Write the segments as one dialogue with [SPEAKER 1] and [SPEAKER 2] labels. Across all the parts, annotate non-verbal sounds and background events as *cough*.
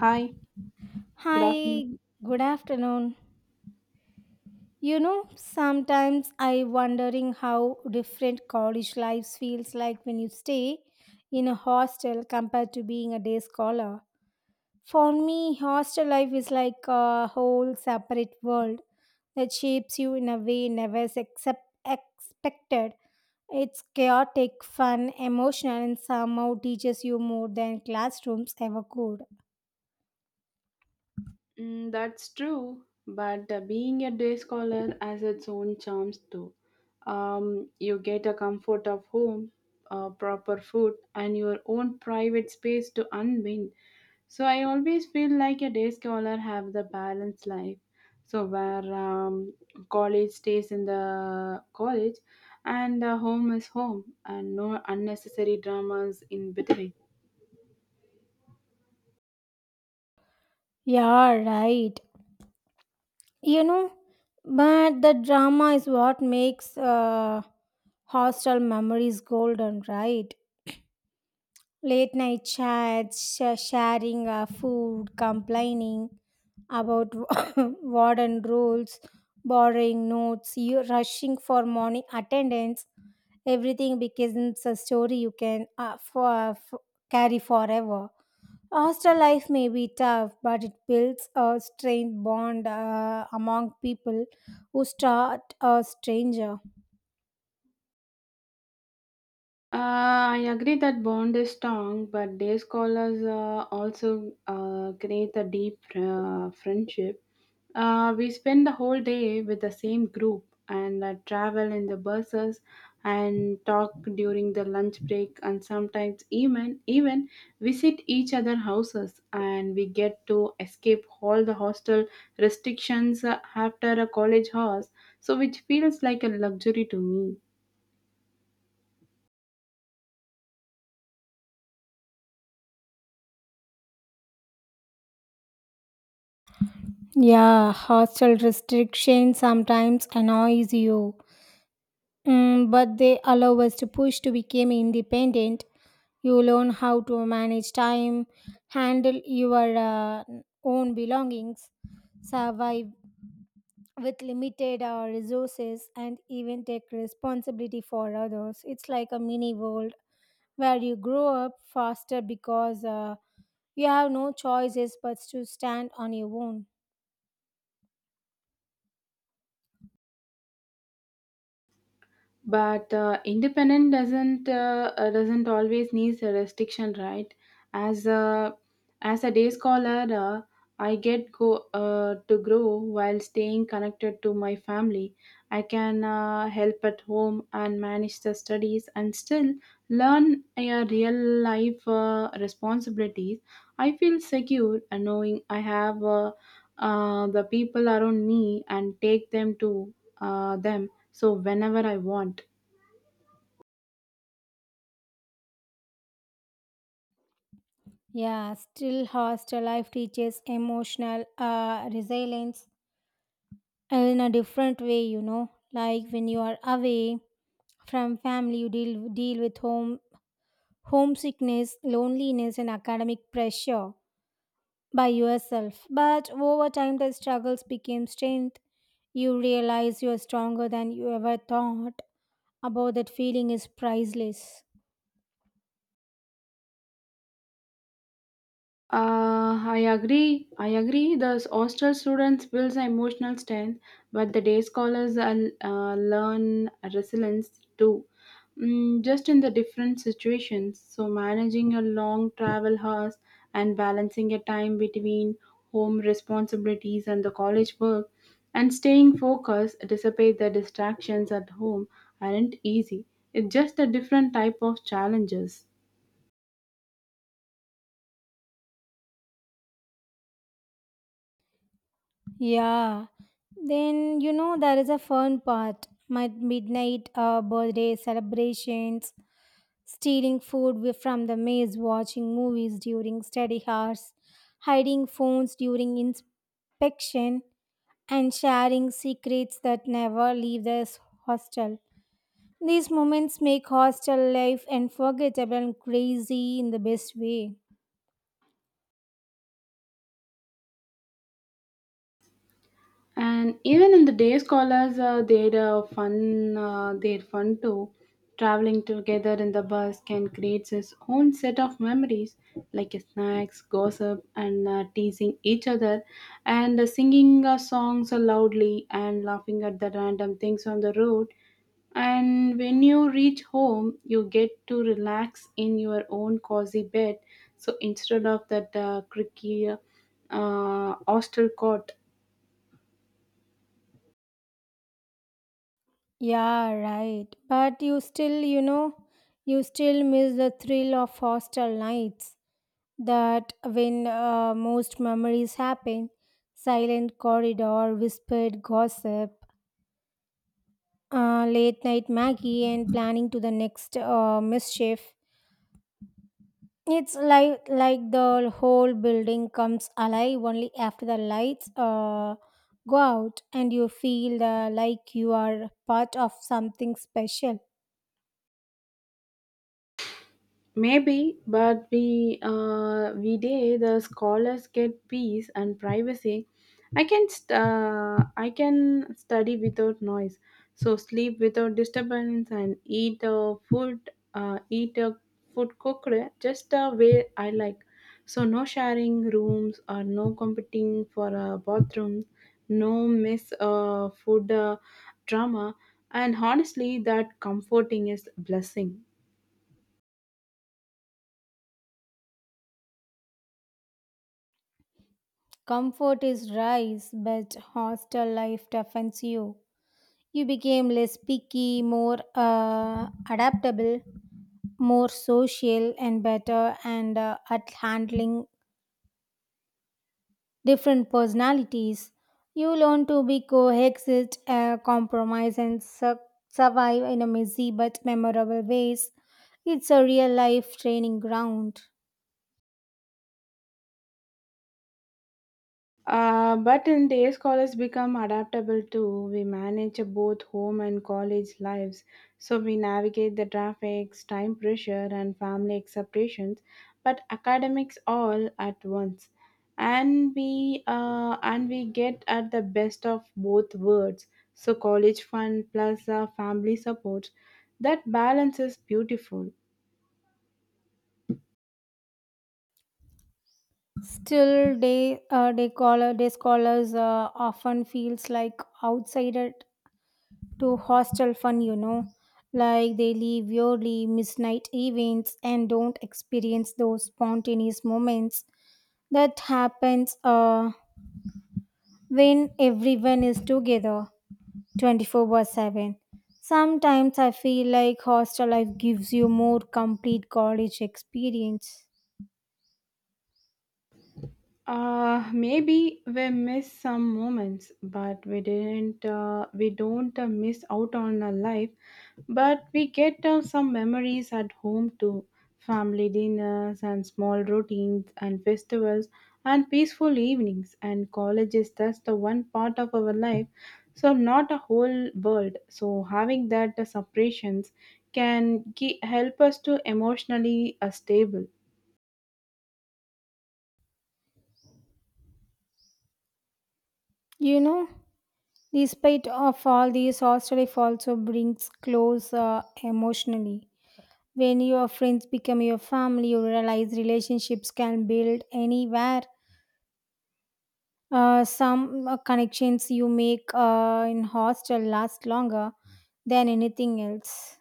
[SPEAKER 1] Hi, good afternoon.
[SPEAKER 2] Hi, good afternoon. You know, sometimes I wondering how different college lives feels like when you stay in a hostel compared to being a day scholar. For me, hostel life is like a whole separate world that shapes you in a way never except expected. It's chaotic, fun, emotional, and somehow teaches you more than classrooms ever could.
[SPEAKER 1] Mm, that's true, but being a day scholar has its own charms too. You get a comfort of home, proper food, and your own private space to unwind. So I always feel like a day scholar have the balanced life. So where college stays in the college, and home is home, and no unnecessary dramas in between.
[SPEAKER 2] Yeah, right. You know, but the drama is what makes hostel memories golden, right? Late night chats, sharing food, complaining about *laughs* *coughs* warden rules, borrowing notes, you rushing for morning attendance, everything becomes a story you can for carry forever. Hostel life may be tough, but it builds a strange bond among people who start a stranger.
[SPEAKER 1] I agree that bond is strong, but day scholars also create a deep friendship. We spend the whole day with the same group and travel in the buses and talk during the lunch break, and sometimes even visit each other houses, and we get to escape all the hostel restrictions after a college hours, so which feels like a luxury to me.
[SPEAKER 2] Yeah, hostel restrictions sometimes annoys you, but they allow us to push to become independent. You learn how to manage time, handle your own belongings, survive with limited resources, and even take responsibility for others. It's like a mini world where you grow up faster because you have no choices but to stand on your own.
[SPEAKER 1] But independent doesn't always needs a restriction, right? As a as a day scholar, I get go to grow while staying connected to my family. I can help at home and manage the studies and still learn a real life responsibilities. I feel secure, knowing I have the people around me, and take them to them so whenever I want.
[SPEAKER 2] Yeah, still hostel life teaches emotional resilience in a different way, you know. Like when you are away from family, you deal with homesickness, loneliness, and academic pressure by yourself. But over time, the struggles became strength. You realize you are stronger than you ever thought. About that feeling is priceless.
[SPEAKER 1] I agree. I agree. The hostel students builds emotional strength, but the day scholars are, learn resilience too. Just in the different situations. So managing a long travel hours and balancing a time between home responsibilities and the college work, and staying focused despite the distractions at home aren't easy. It's just a different type of challenges.
[SPEAKER 2] Yeah. Then, you know, there is a fun part. My midnight birthday celebrations, stealing food from the maze, watching movies during study hours, hiding phones during inspection, and sharing secrets that never leave this hostel. These moments make hostel life unforgettable and crazy in the best way.
[SPEAKER 1] And even in the day scholars, their fun too. Traveling together in the bus can create its own set of memories, like snacks, gossip, and teasing each other, and singing songs loudly and laughing at the random things on the road. And when you reach home, you get to relax in your own cozy bed. So instead of that creaky hostel cot.
[SPEAKER 2] Yeah, right. But you still, you know, you still miss the thrill of hostel nights. That when most memories happen, silent corridor, whispered gossip, late night Maggie, and planning to the next mischief. It's like the whole building comes alive only after the lights go out, and you feel like you are part of something special.
[SPEAKER 1] Maybe, but we day the scholars get peace and privacy. I can study without noise, so sleep without disturbance, and eat food cooked just the way I like. So no sharing rooms or no competing for a bathroom, no miss food drama, and honestly, that comforting is blessing.
[SPEAKER 2] Comfort is rice, but hostel life toughens you. You became less picky, more adaptable, more social, and better and at handling different personalities. You learn to be coexist, compromise, and survive in a messy but memorable ways. It's a real life training ground.
[SPEAKER 1] But in day scholars become adaptable too. We manage both home and college lives, so we navigate the traffic, time pressure, and family expectations, but academics all at once, and we get at the best of both worlds. So college fun plus family support, that balance is beautiful.
[SPEAKER 2] Still, they call they scholars often feels like outsider to hostel fun, you know. Like they leave yearly midnight events and don't experience those spontaneous moments that happens when everyone is together 24 by 7. Sometimes I feel like hostel life gives you more complete college experience.
[SPEAKER 1] Maybe we missed some moments, but we didn't. We don't miss out on a life, but we get some memories at home too. Family dinners and small routines and festivals and peaceful evenings and colleges. That's the one part of our life. So not a whole world. So having that separations can help us to emotionally stable.
[SPEAKER 2] You know, despite of all these, hostel life also brings close emotionally. When your friends become your family, you realize relationships can build anywhere. Some connections you make in hostel last longer than anything else.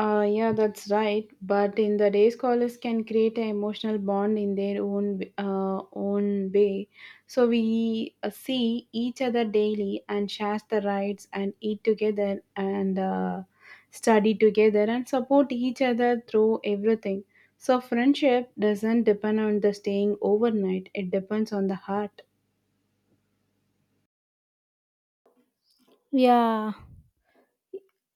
[SPEAKER 1] Yeah, that's right. But in the day, scholars can create an emotional bond in their own own way. So we see each other daily and share the rides and eat together and study together and support each other through everything. So friendship doesn't depend on the staying overnight. It depends on the heart.
[SPEAKER 2] Yeah.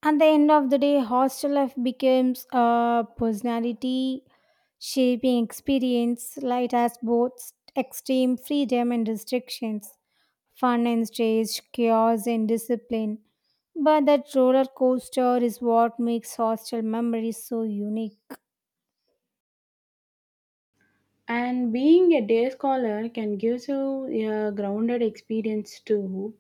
[SPEAKER 2] At the end of the day, hostel life becomes a personality shaping experience, light has both extreme freedom and restrictions, fun and stress, chaos and discipline. But that roller coaster is what makes hostel memories so unique.
[SPEAKER 1] And being a day scholar can give you a grounded experience too.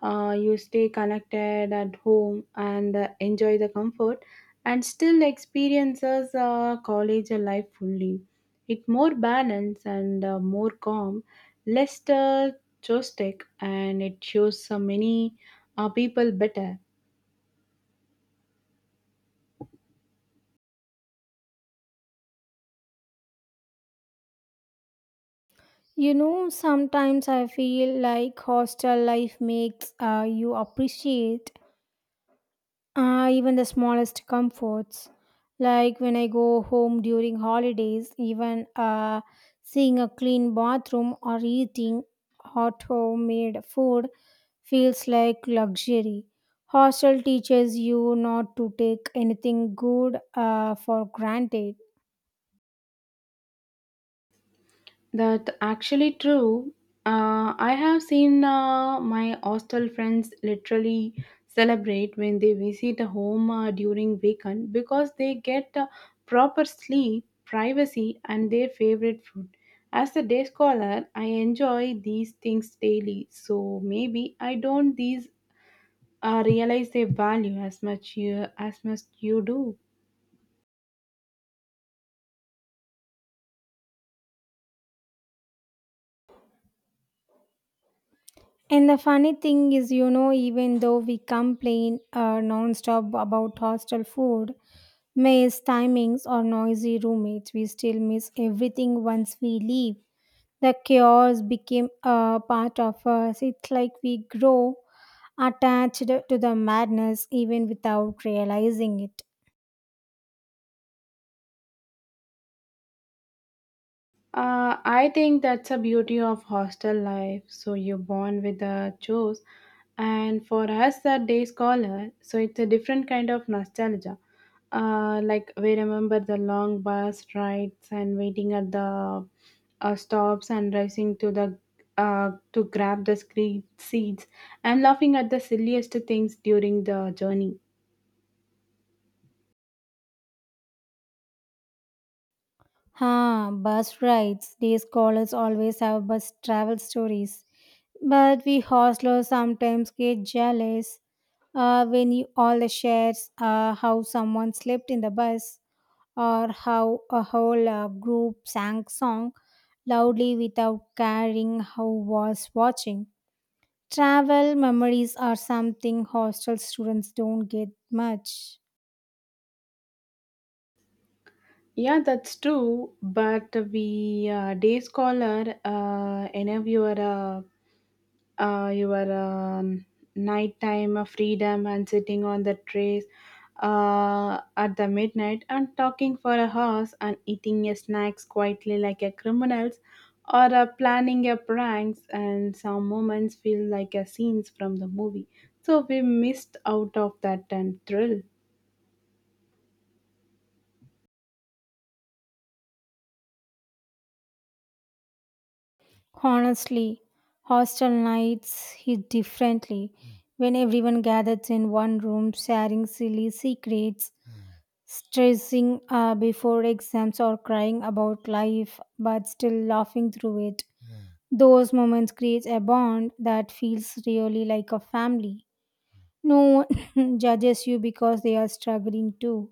[SPEAKER 1] You stay connected at home and enjoy the comfort and still experiences college life fully. It more balanced and more calm, less joystick, and it shows so many people better.
[SPEAKER 2] You know, sometimes I feel like hostel life makes you appreciate even the smallest comforts, like when I go home during holidays, even seeing a clean bathroom or eating hot homemade food feels like luxury. Hostel teaches you not to take anything good for granted.
[SPEAKER 1] That actually true. I have seen my hostel friends literally celebrate when they visit a home during weekend because they get proper sleep, privacy, and their favorite food. As a day scholar, I enjoy these things daily, so maybe I don't these realize their value as much you do.
[SPEAKER 2] And the funny thing is, you know, even though we complain non-stop about hostel food, mess timings or noisy roommates, we still miss everything once we leave. The chaos became a part of us. It's like we grow attached to the madness even without realizing it.
[SPEAKER 1] I think that's a beauty of hostel life. So you're born with the chores, and for us, that day scholar. So it's a different kind of nostalgia. Like we remember the long bus rides and waiting at the stops and racing to grab the screen seats and laughing at the silliest things during the journey.
[SPEAKER 2] Ha, bus rides. Day scholars always have bus travel stories. But we hostlers sometimes get jealous when you all the shares how someone slept in the bus or how a whole group sang song loudly without caring who was watching. Travel memories are something hostel students don't get much.
[SPEAKER 1] Yeah, that's true. But we day scholar interviewer. Your nighttime freedom and sitting on the trays at the midnight and talking for a hours and eating your snacks quietly like a criminals, or planning your pranks, and some moments feel like a scenes from the movie, so we missed out of that and thrill.
[SPEAKER 2] Honestly, hostel nights hit differently when everyone gathers in one room sharing silly secrets, stressing before exams, or crying about life but still laughing through it. Those moments create a bond that feels really like a family. No one *laughs* judges you because they are struggling too.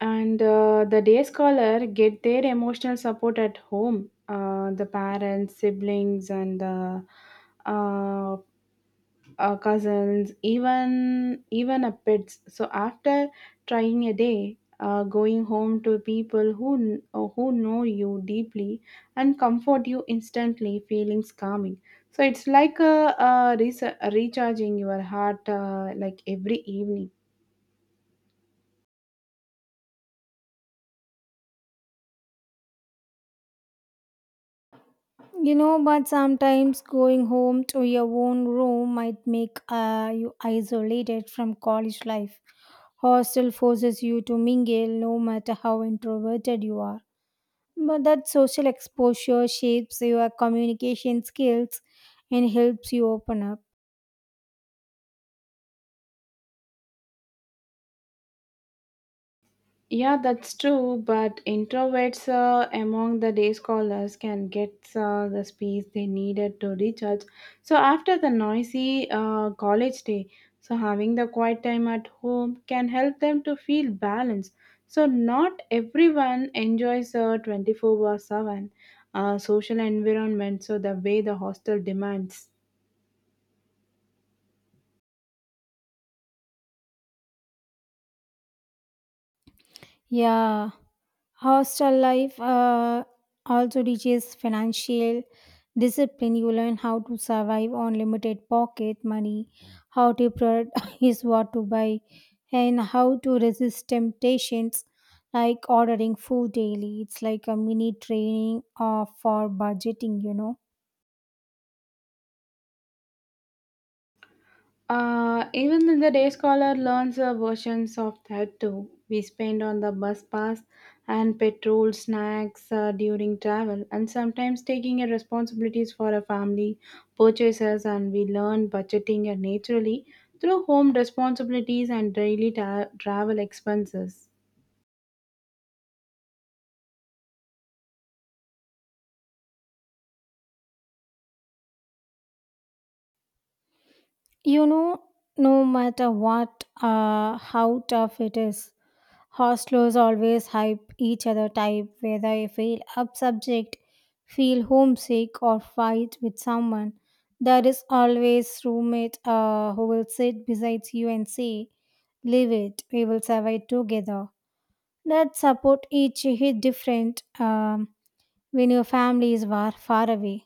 [SPEAKER 1] And the day scholar get their emotional support at home, the parents siblings and uh, cousins, even a pets. So after trying a day, going home to people who who know you deeply and comfort you instantly, feelings calming. So it's like a recharging your heart like every evening.
[SPEAKER 2] You know, but sometimes going home to your own room might make you isolated from college life. Hostel forces you to mingle no matter how introverted you are. But that social exposure shapes your communication skills and helps you open up.
[SPEAKER 1] Yeah, that's true, but introverts among the day scholars can get the space they needed to recharge. So, after the noisy college day, so having the quiet time at home can help them to feel balanced. So, not everyone enjoys a 24 by 7 social environment, so the way the hostel demands.
[SPEAKER 2] Yeah, hostel life also teaches financial discipline. You learn how to survive on limited pocket money, how to prioritize *laughs* what to buy, and how to resist temptations like ordering food daily. It's like a mini training for budgeting, you know.
[SPEAKER 1] Even in the day scholar learns versions of that too. We spend on the bus pass and petrol, snacks during travel, and sometimes taking a responsibilities for a family purchases. And we learn budgeting naturally through home responsibilities and daily travel expenses.
[SPEAKER 2] You know, no matter what, how tough it is, hostlers always hype each other type, whether I feel up subject, feel homesick, or fight with someone. There is always roommate who will sit beside you and say, "Leave it, we will survive together." That support each hit different when your family is far, far away.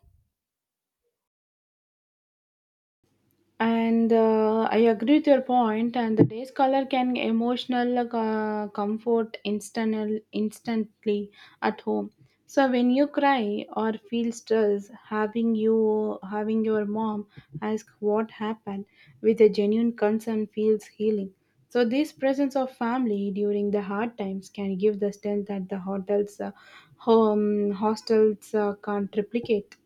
[SPEAKER 1] And I agree with your point. And the day's color can emotional like, comfort instantly at home, so when you cry or feel stress, having your mom ask what happened with a genuine concern feels healing. So this presence of family during the hard times can give the strength that the hotels home hostels can't replicate.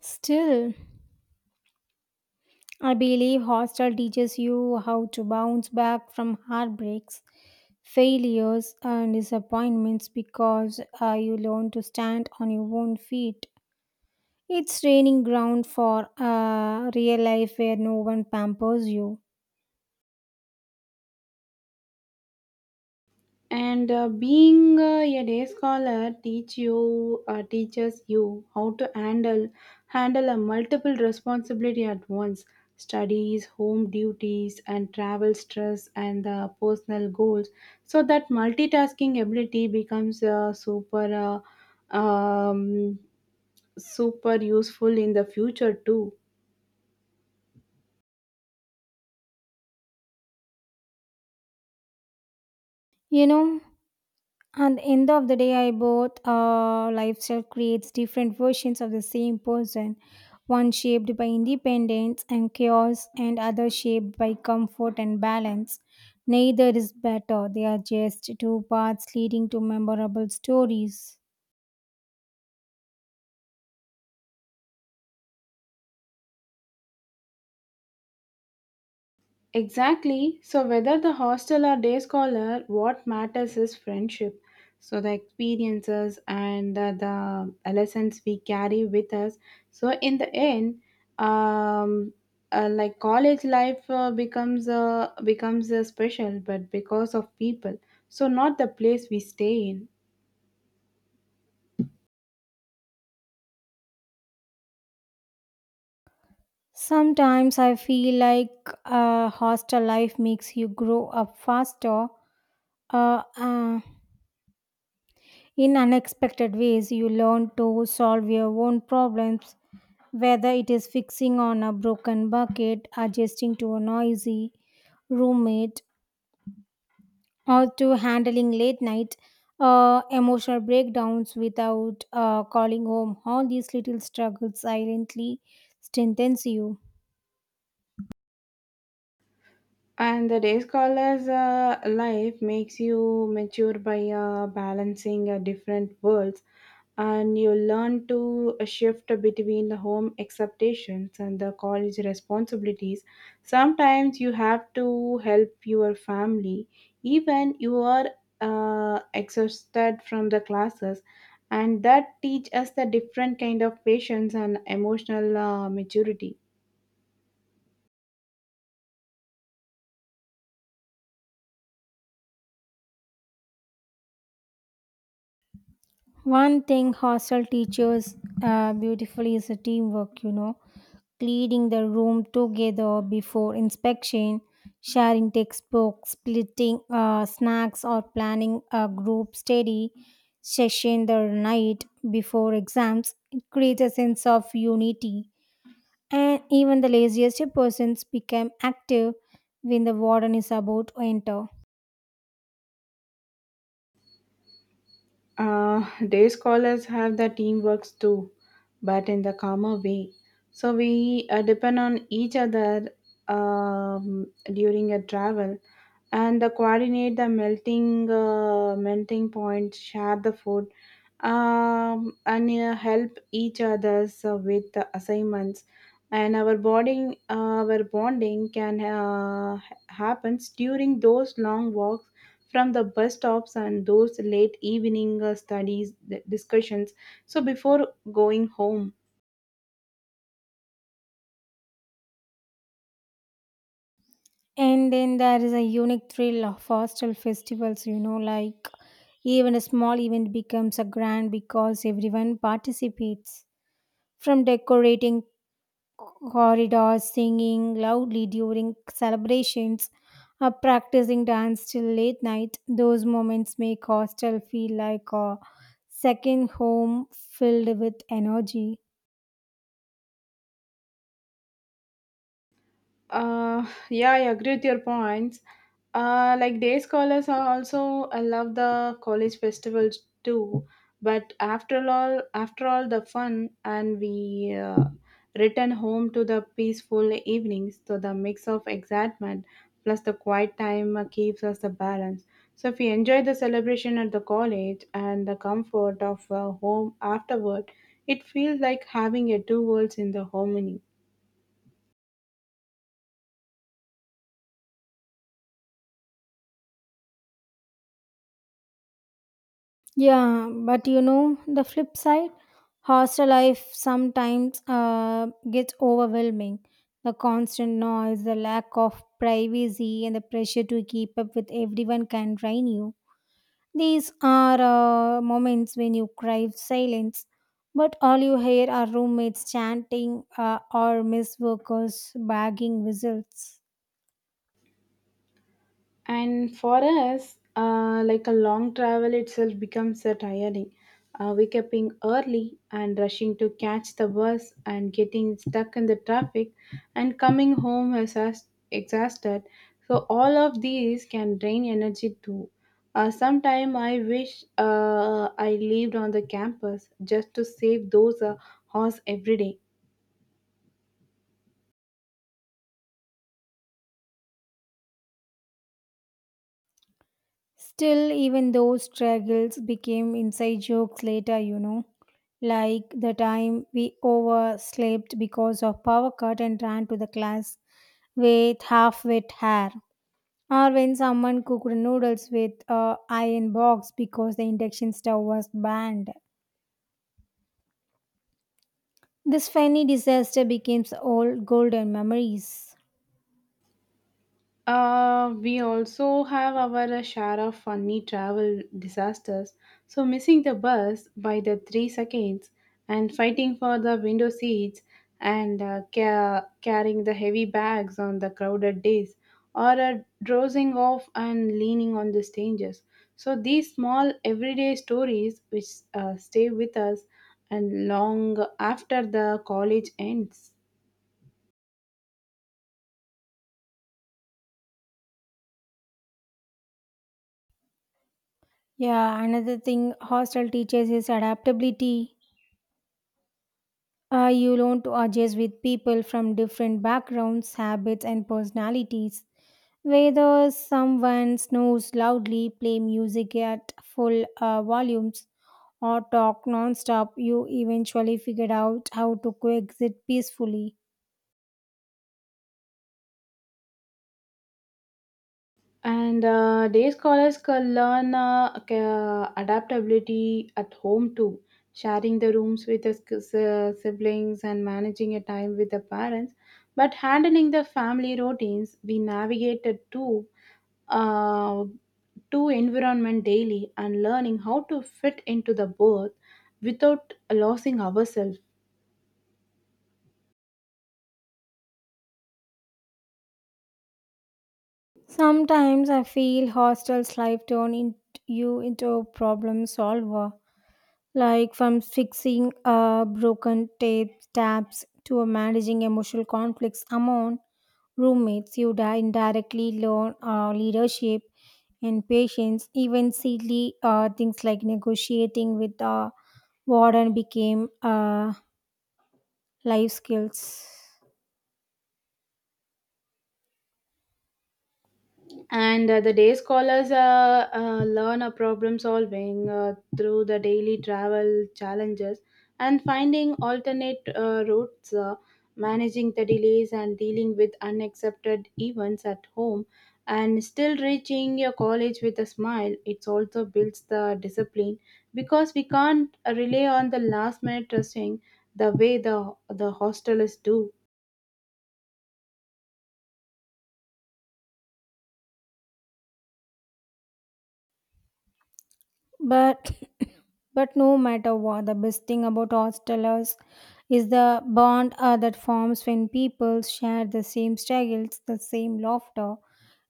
[SPEAKER 2] Still, I believe hostel teaches you how to bounce back from heartbreaks, failures, and disappointments because you learn to stand on your own feet. It's training ground for real life where no one pampers you.
[SPEAKER 1] And being a day scholar teaches you how to handle a multiple responsibility at once: studies, home duties, and travel stress, and personal goals, so that multitasking ability becomes super uh, um, super useful in the future too.
[SPEAKER 2] You know, and end of the day, I both lifestyle creates different versions of the same person. One shaped by independence and chaos, and other shaped by comfort and balance. Neither is better. They are just two paths leading to memorable stories.
[SPEAKER 1] Exactly. So, whether the hostel or day scholar, what matters is friendship. So, the experiences and the lessons we carry with us. So, in the end, um, like college life becomes special, but because of people. So, not the place we stay in.
[SPEAKER 2] Sometimes I feel like a hostel life makes you grow up faster. Uh, uh, in unexpected ways, you learn to solve your own problems. Whether it is fixing on a broken bucket, adjusting to a noisy roommate, or to handling late night emotional breakdowns without calling home, all these little struggles silently strengthens you.
[SPEAKER 1] And the day scholar's life makes you mature by balancing different worlds, and you learn to shift between the home expectations and the college responsibilities. Sometimes you have to help your family, even you are exhausted from the classes, and that teach us the different kind of patience and emotional maturity.
[SPEAKER 2] One thing hostel teaches beautifully is a teamwork, you know, cleaning the room together before inspection, sharing textbooks, splitting snacks, or planning a group study session the night before exams. It creates a sense of unity, and even the laziest persons become active when the warden is about to enter.
[SPEAKER 1] Uh, Day scholars have the teamworks too, but in the calmer way. So we depend on each other um, during a travel, and the coordinate the melting point, share the food, and help each others with the assignments. And our bonding can happens during those long walks from the bus stops and those late evening studies discussions, so before going home.
[SPEAKER 2] And then there is a unique thrill of hostel festivals, you know, like even a small event becomes a grand because everyone participates. From decorating corridors, singing loudly during celebrations, or practicing dance till late night, those moments make hostel feel like a second home filled with energy.
[SPEAKER 1] Yeah, I agree with your points. Like day scholars are also I love the college festivals too. But after all the fun and we return home to the peaceful evenings. So the mix of excitement plus the quiet time keeps us the balance. So if we enjoy the celebration at the college and the comfort of home afterward, it feels like having a two worlds in the harmony.
[SPEAKER 2] Yeah, but you know, the flip side hostel life sometimes gets overwhelming. The constant noise, the lack of privacy, and the pressure to keep up with everyone can drain you. These are moments when you crave silence, but all you hear are roommates chanting or miss workers bagging whistles.
[SPEAKER 1] And for us, like a long travel itself becomes a tiring. Wake up in early and rushing to catch the bus and getting stuck in the traffic and coming home exhausted. So all of these can drain energy too. Sometime I wish I lived on the campus just to save those hours every day.
[SPEAKER 2] Still, even those struggles became inside jokes later, you know, like the time we overslept because of power cut and ran to the class with half wet hair, or when someone cooked noodles with a iron box because the induction stove was banned. This funny disaster becomes old golden memories.
[SPEAKER 1] We also have our share of funny travel disasters. So, missing the bus by the 3 seconds and fighting for the window seats, and carrying the heavy bags on the crowded days, or dozing off and leaning on the strangers. So, these small everyday stories which stay with us and long after the college ends.
[SPEAKER 2] Yeah, another thing hostel teaches is adaptability. You learn to adjust with people from different backgrounds, habits, and personalities. Whether someone snores loudly, play music at full volumes, or talk non-stop, you eventually figure out how to coexist peacefully.
[SPEAKER 1] And day scholars can learn adaptability at home too, sharing the rooms with the siblings and managing a time with the parents. But handling the family routines, we navigated uh, to environment daily and learning how to fit into the both without losing ourselves.
[SPEAKER 2] Sometimes I feel hostel's life you into a problem solver, like from fixing broken tape tabs to managing emotional conflicts among roommates, you indirectly learn leadership and patience. Even silly things like negotiating with the warden became life skills.
[SPEAKER 1] And the day scholars learn a problem solving through the daily travel challenges and finding alternate routes, managing the delays, and dealing with unaccepted events at home, and still reaching your college with a smile. It also builds the discipline because we can't rely on the last minute dressing the way the hostelers do.
[SPEAKER 2] But but no matter what, the best thing about hostelers is the bond that forms when people share the same struggles, the same laughter,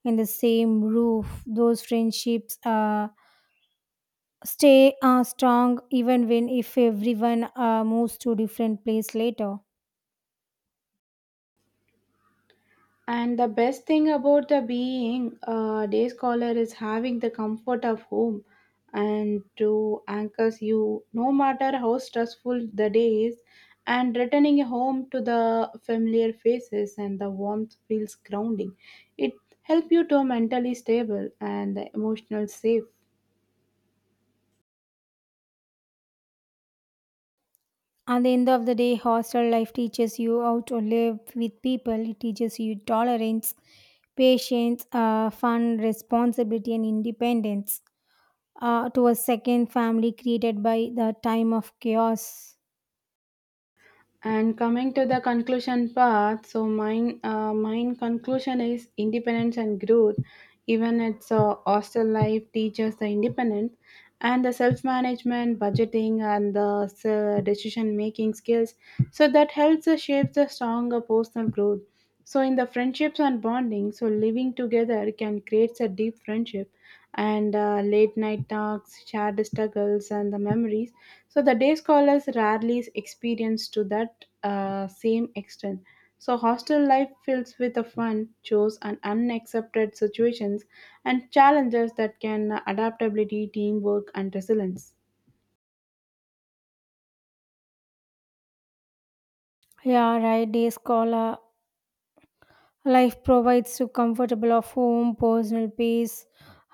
[SPEAKER 2] and the same roof. Those friendships. Stay strong even when if everyone moves to different place later.
[SPEAKER 1] And the best thing about the being a day scholar is having the comfort of home, and to anchors you no matter how stressful the day is, and returning home to the familiar faces and the warmth feels grounding. It helps you to mentally stable and emotional safe.
[SPEAKER 2] At the end of the day, hostel life teaches you how to live with people. It teaches you tolerance, patience, fun, responsibility, and independence, to a second family created by the time of chaos.
[SPEAKER 1] And coming to the conclusion part, so mine conclusion is independence and growth. Even its hostel life teaches the independence and the self-management, budgeting, and the decision-making skills. So that helps us shape the stronger personal growth. So in the friendships and bonding, so living together can create a deep friendship and late night talks, shared struggles, and the memories. So the day scholars rarely experience to that same extent. So hostel life fills with the fun, chores, and unaccepted situations and challenges that can adaptability, teamwork, and resilience.
[SPEAKER 2] Yeah, right. Day scholar life provides you comfortable of home, personal peace,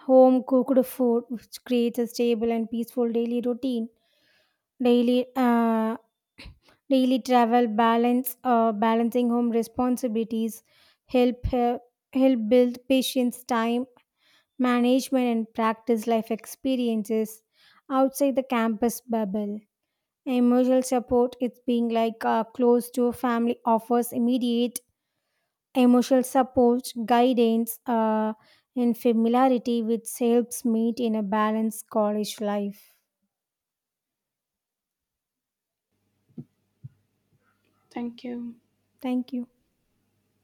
[SPEAKER 2] home cooked food, which creates a stable and peaceful daily routine. Daily *clears throat* Daily travel balance, balancing home responsibilities, help uh, help build patience, time management, and practice life experiences outside the campus bubble. Emotional support, it's being like close to family, offers immediate emotional support, guidance, and familiarity, which helps meet in a balanced college life.
[SPEAKER 1] Thank you.
[SPEAKER 2] Thank you.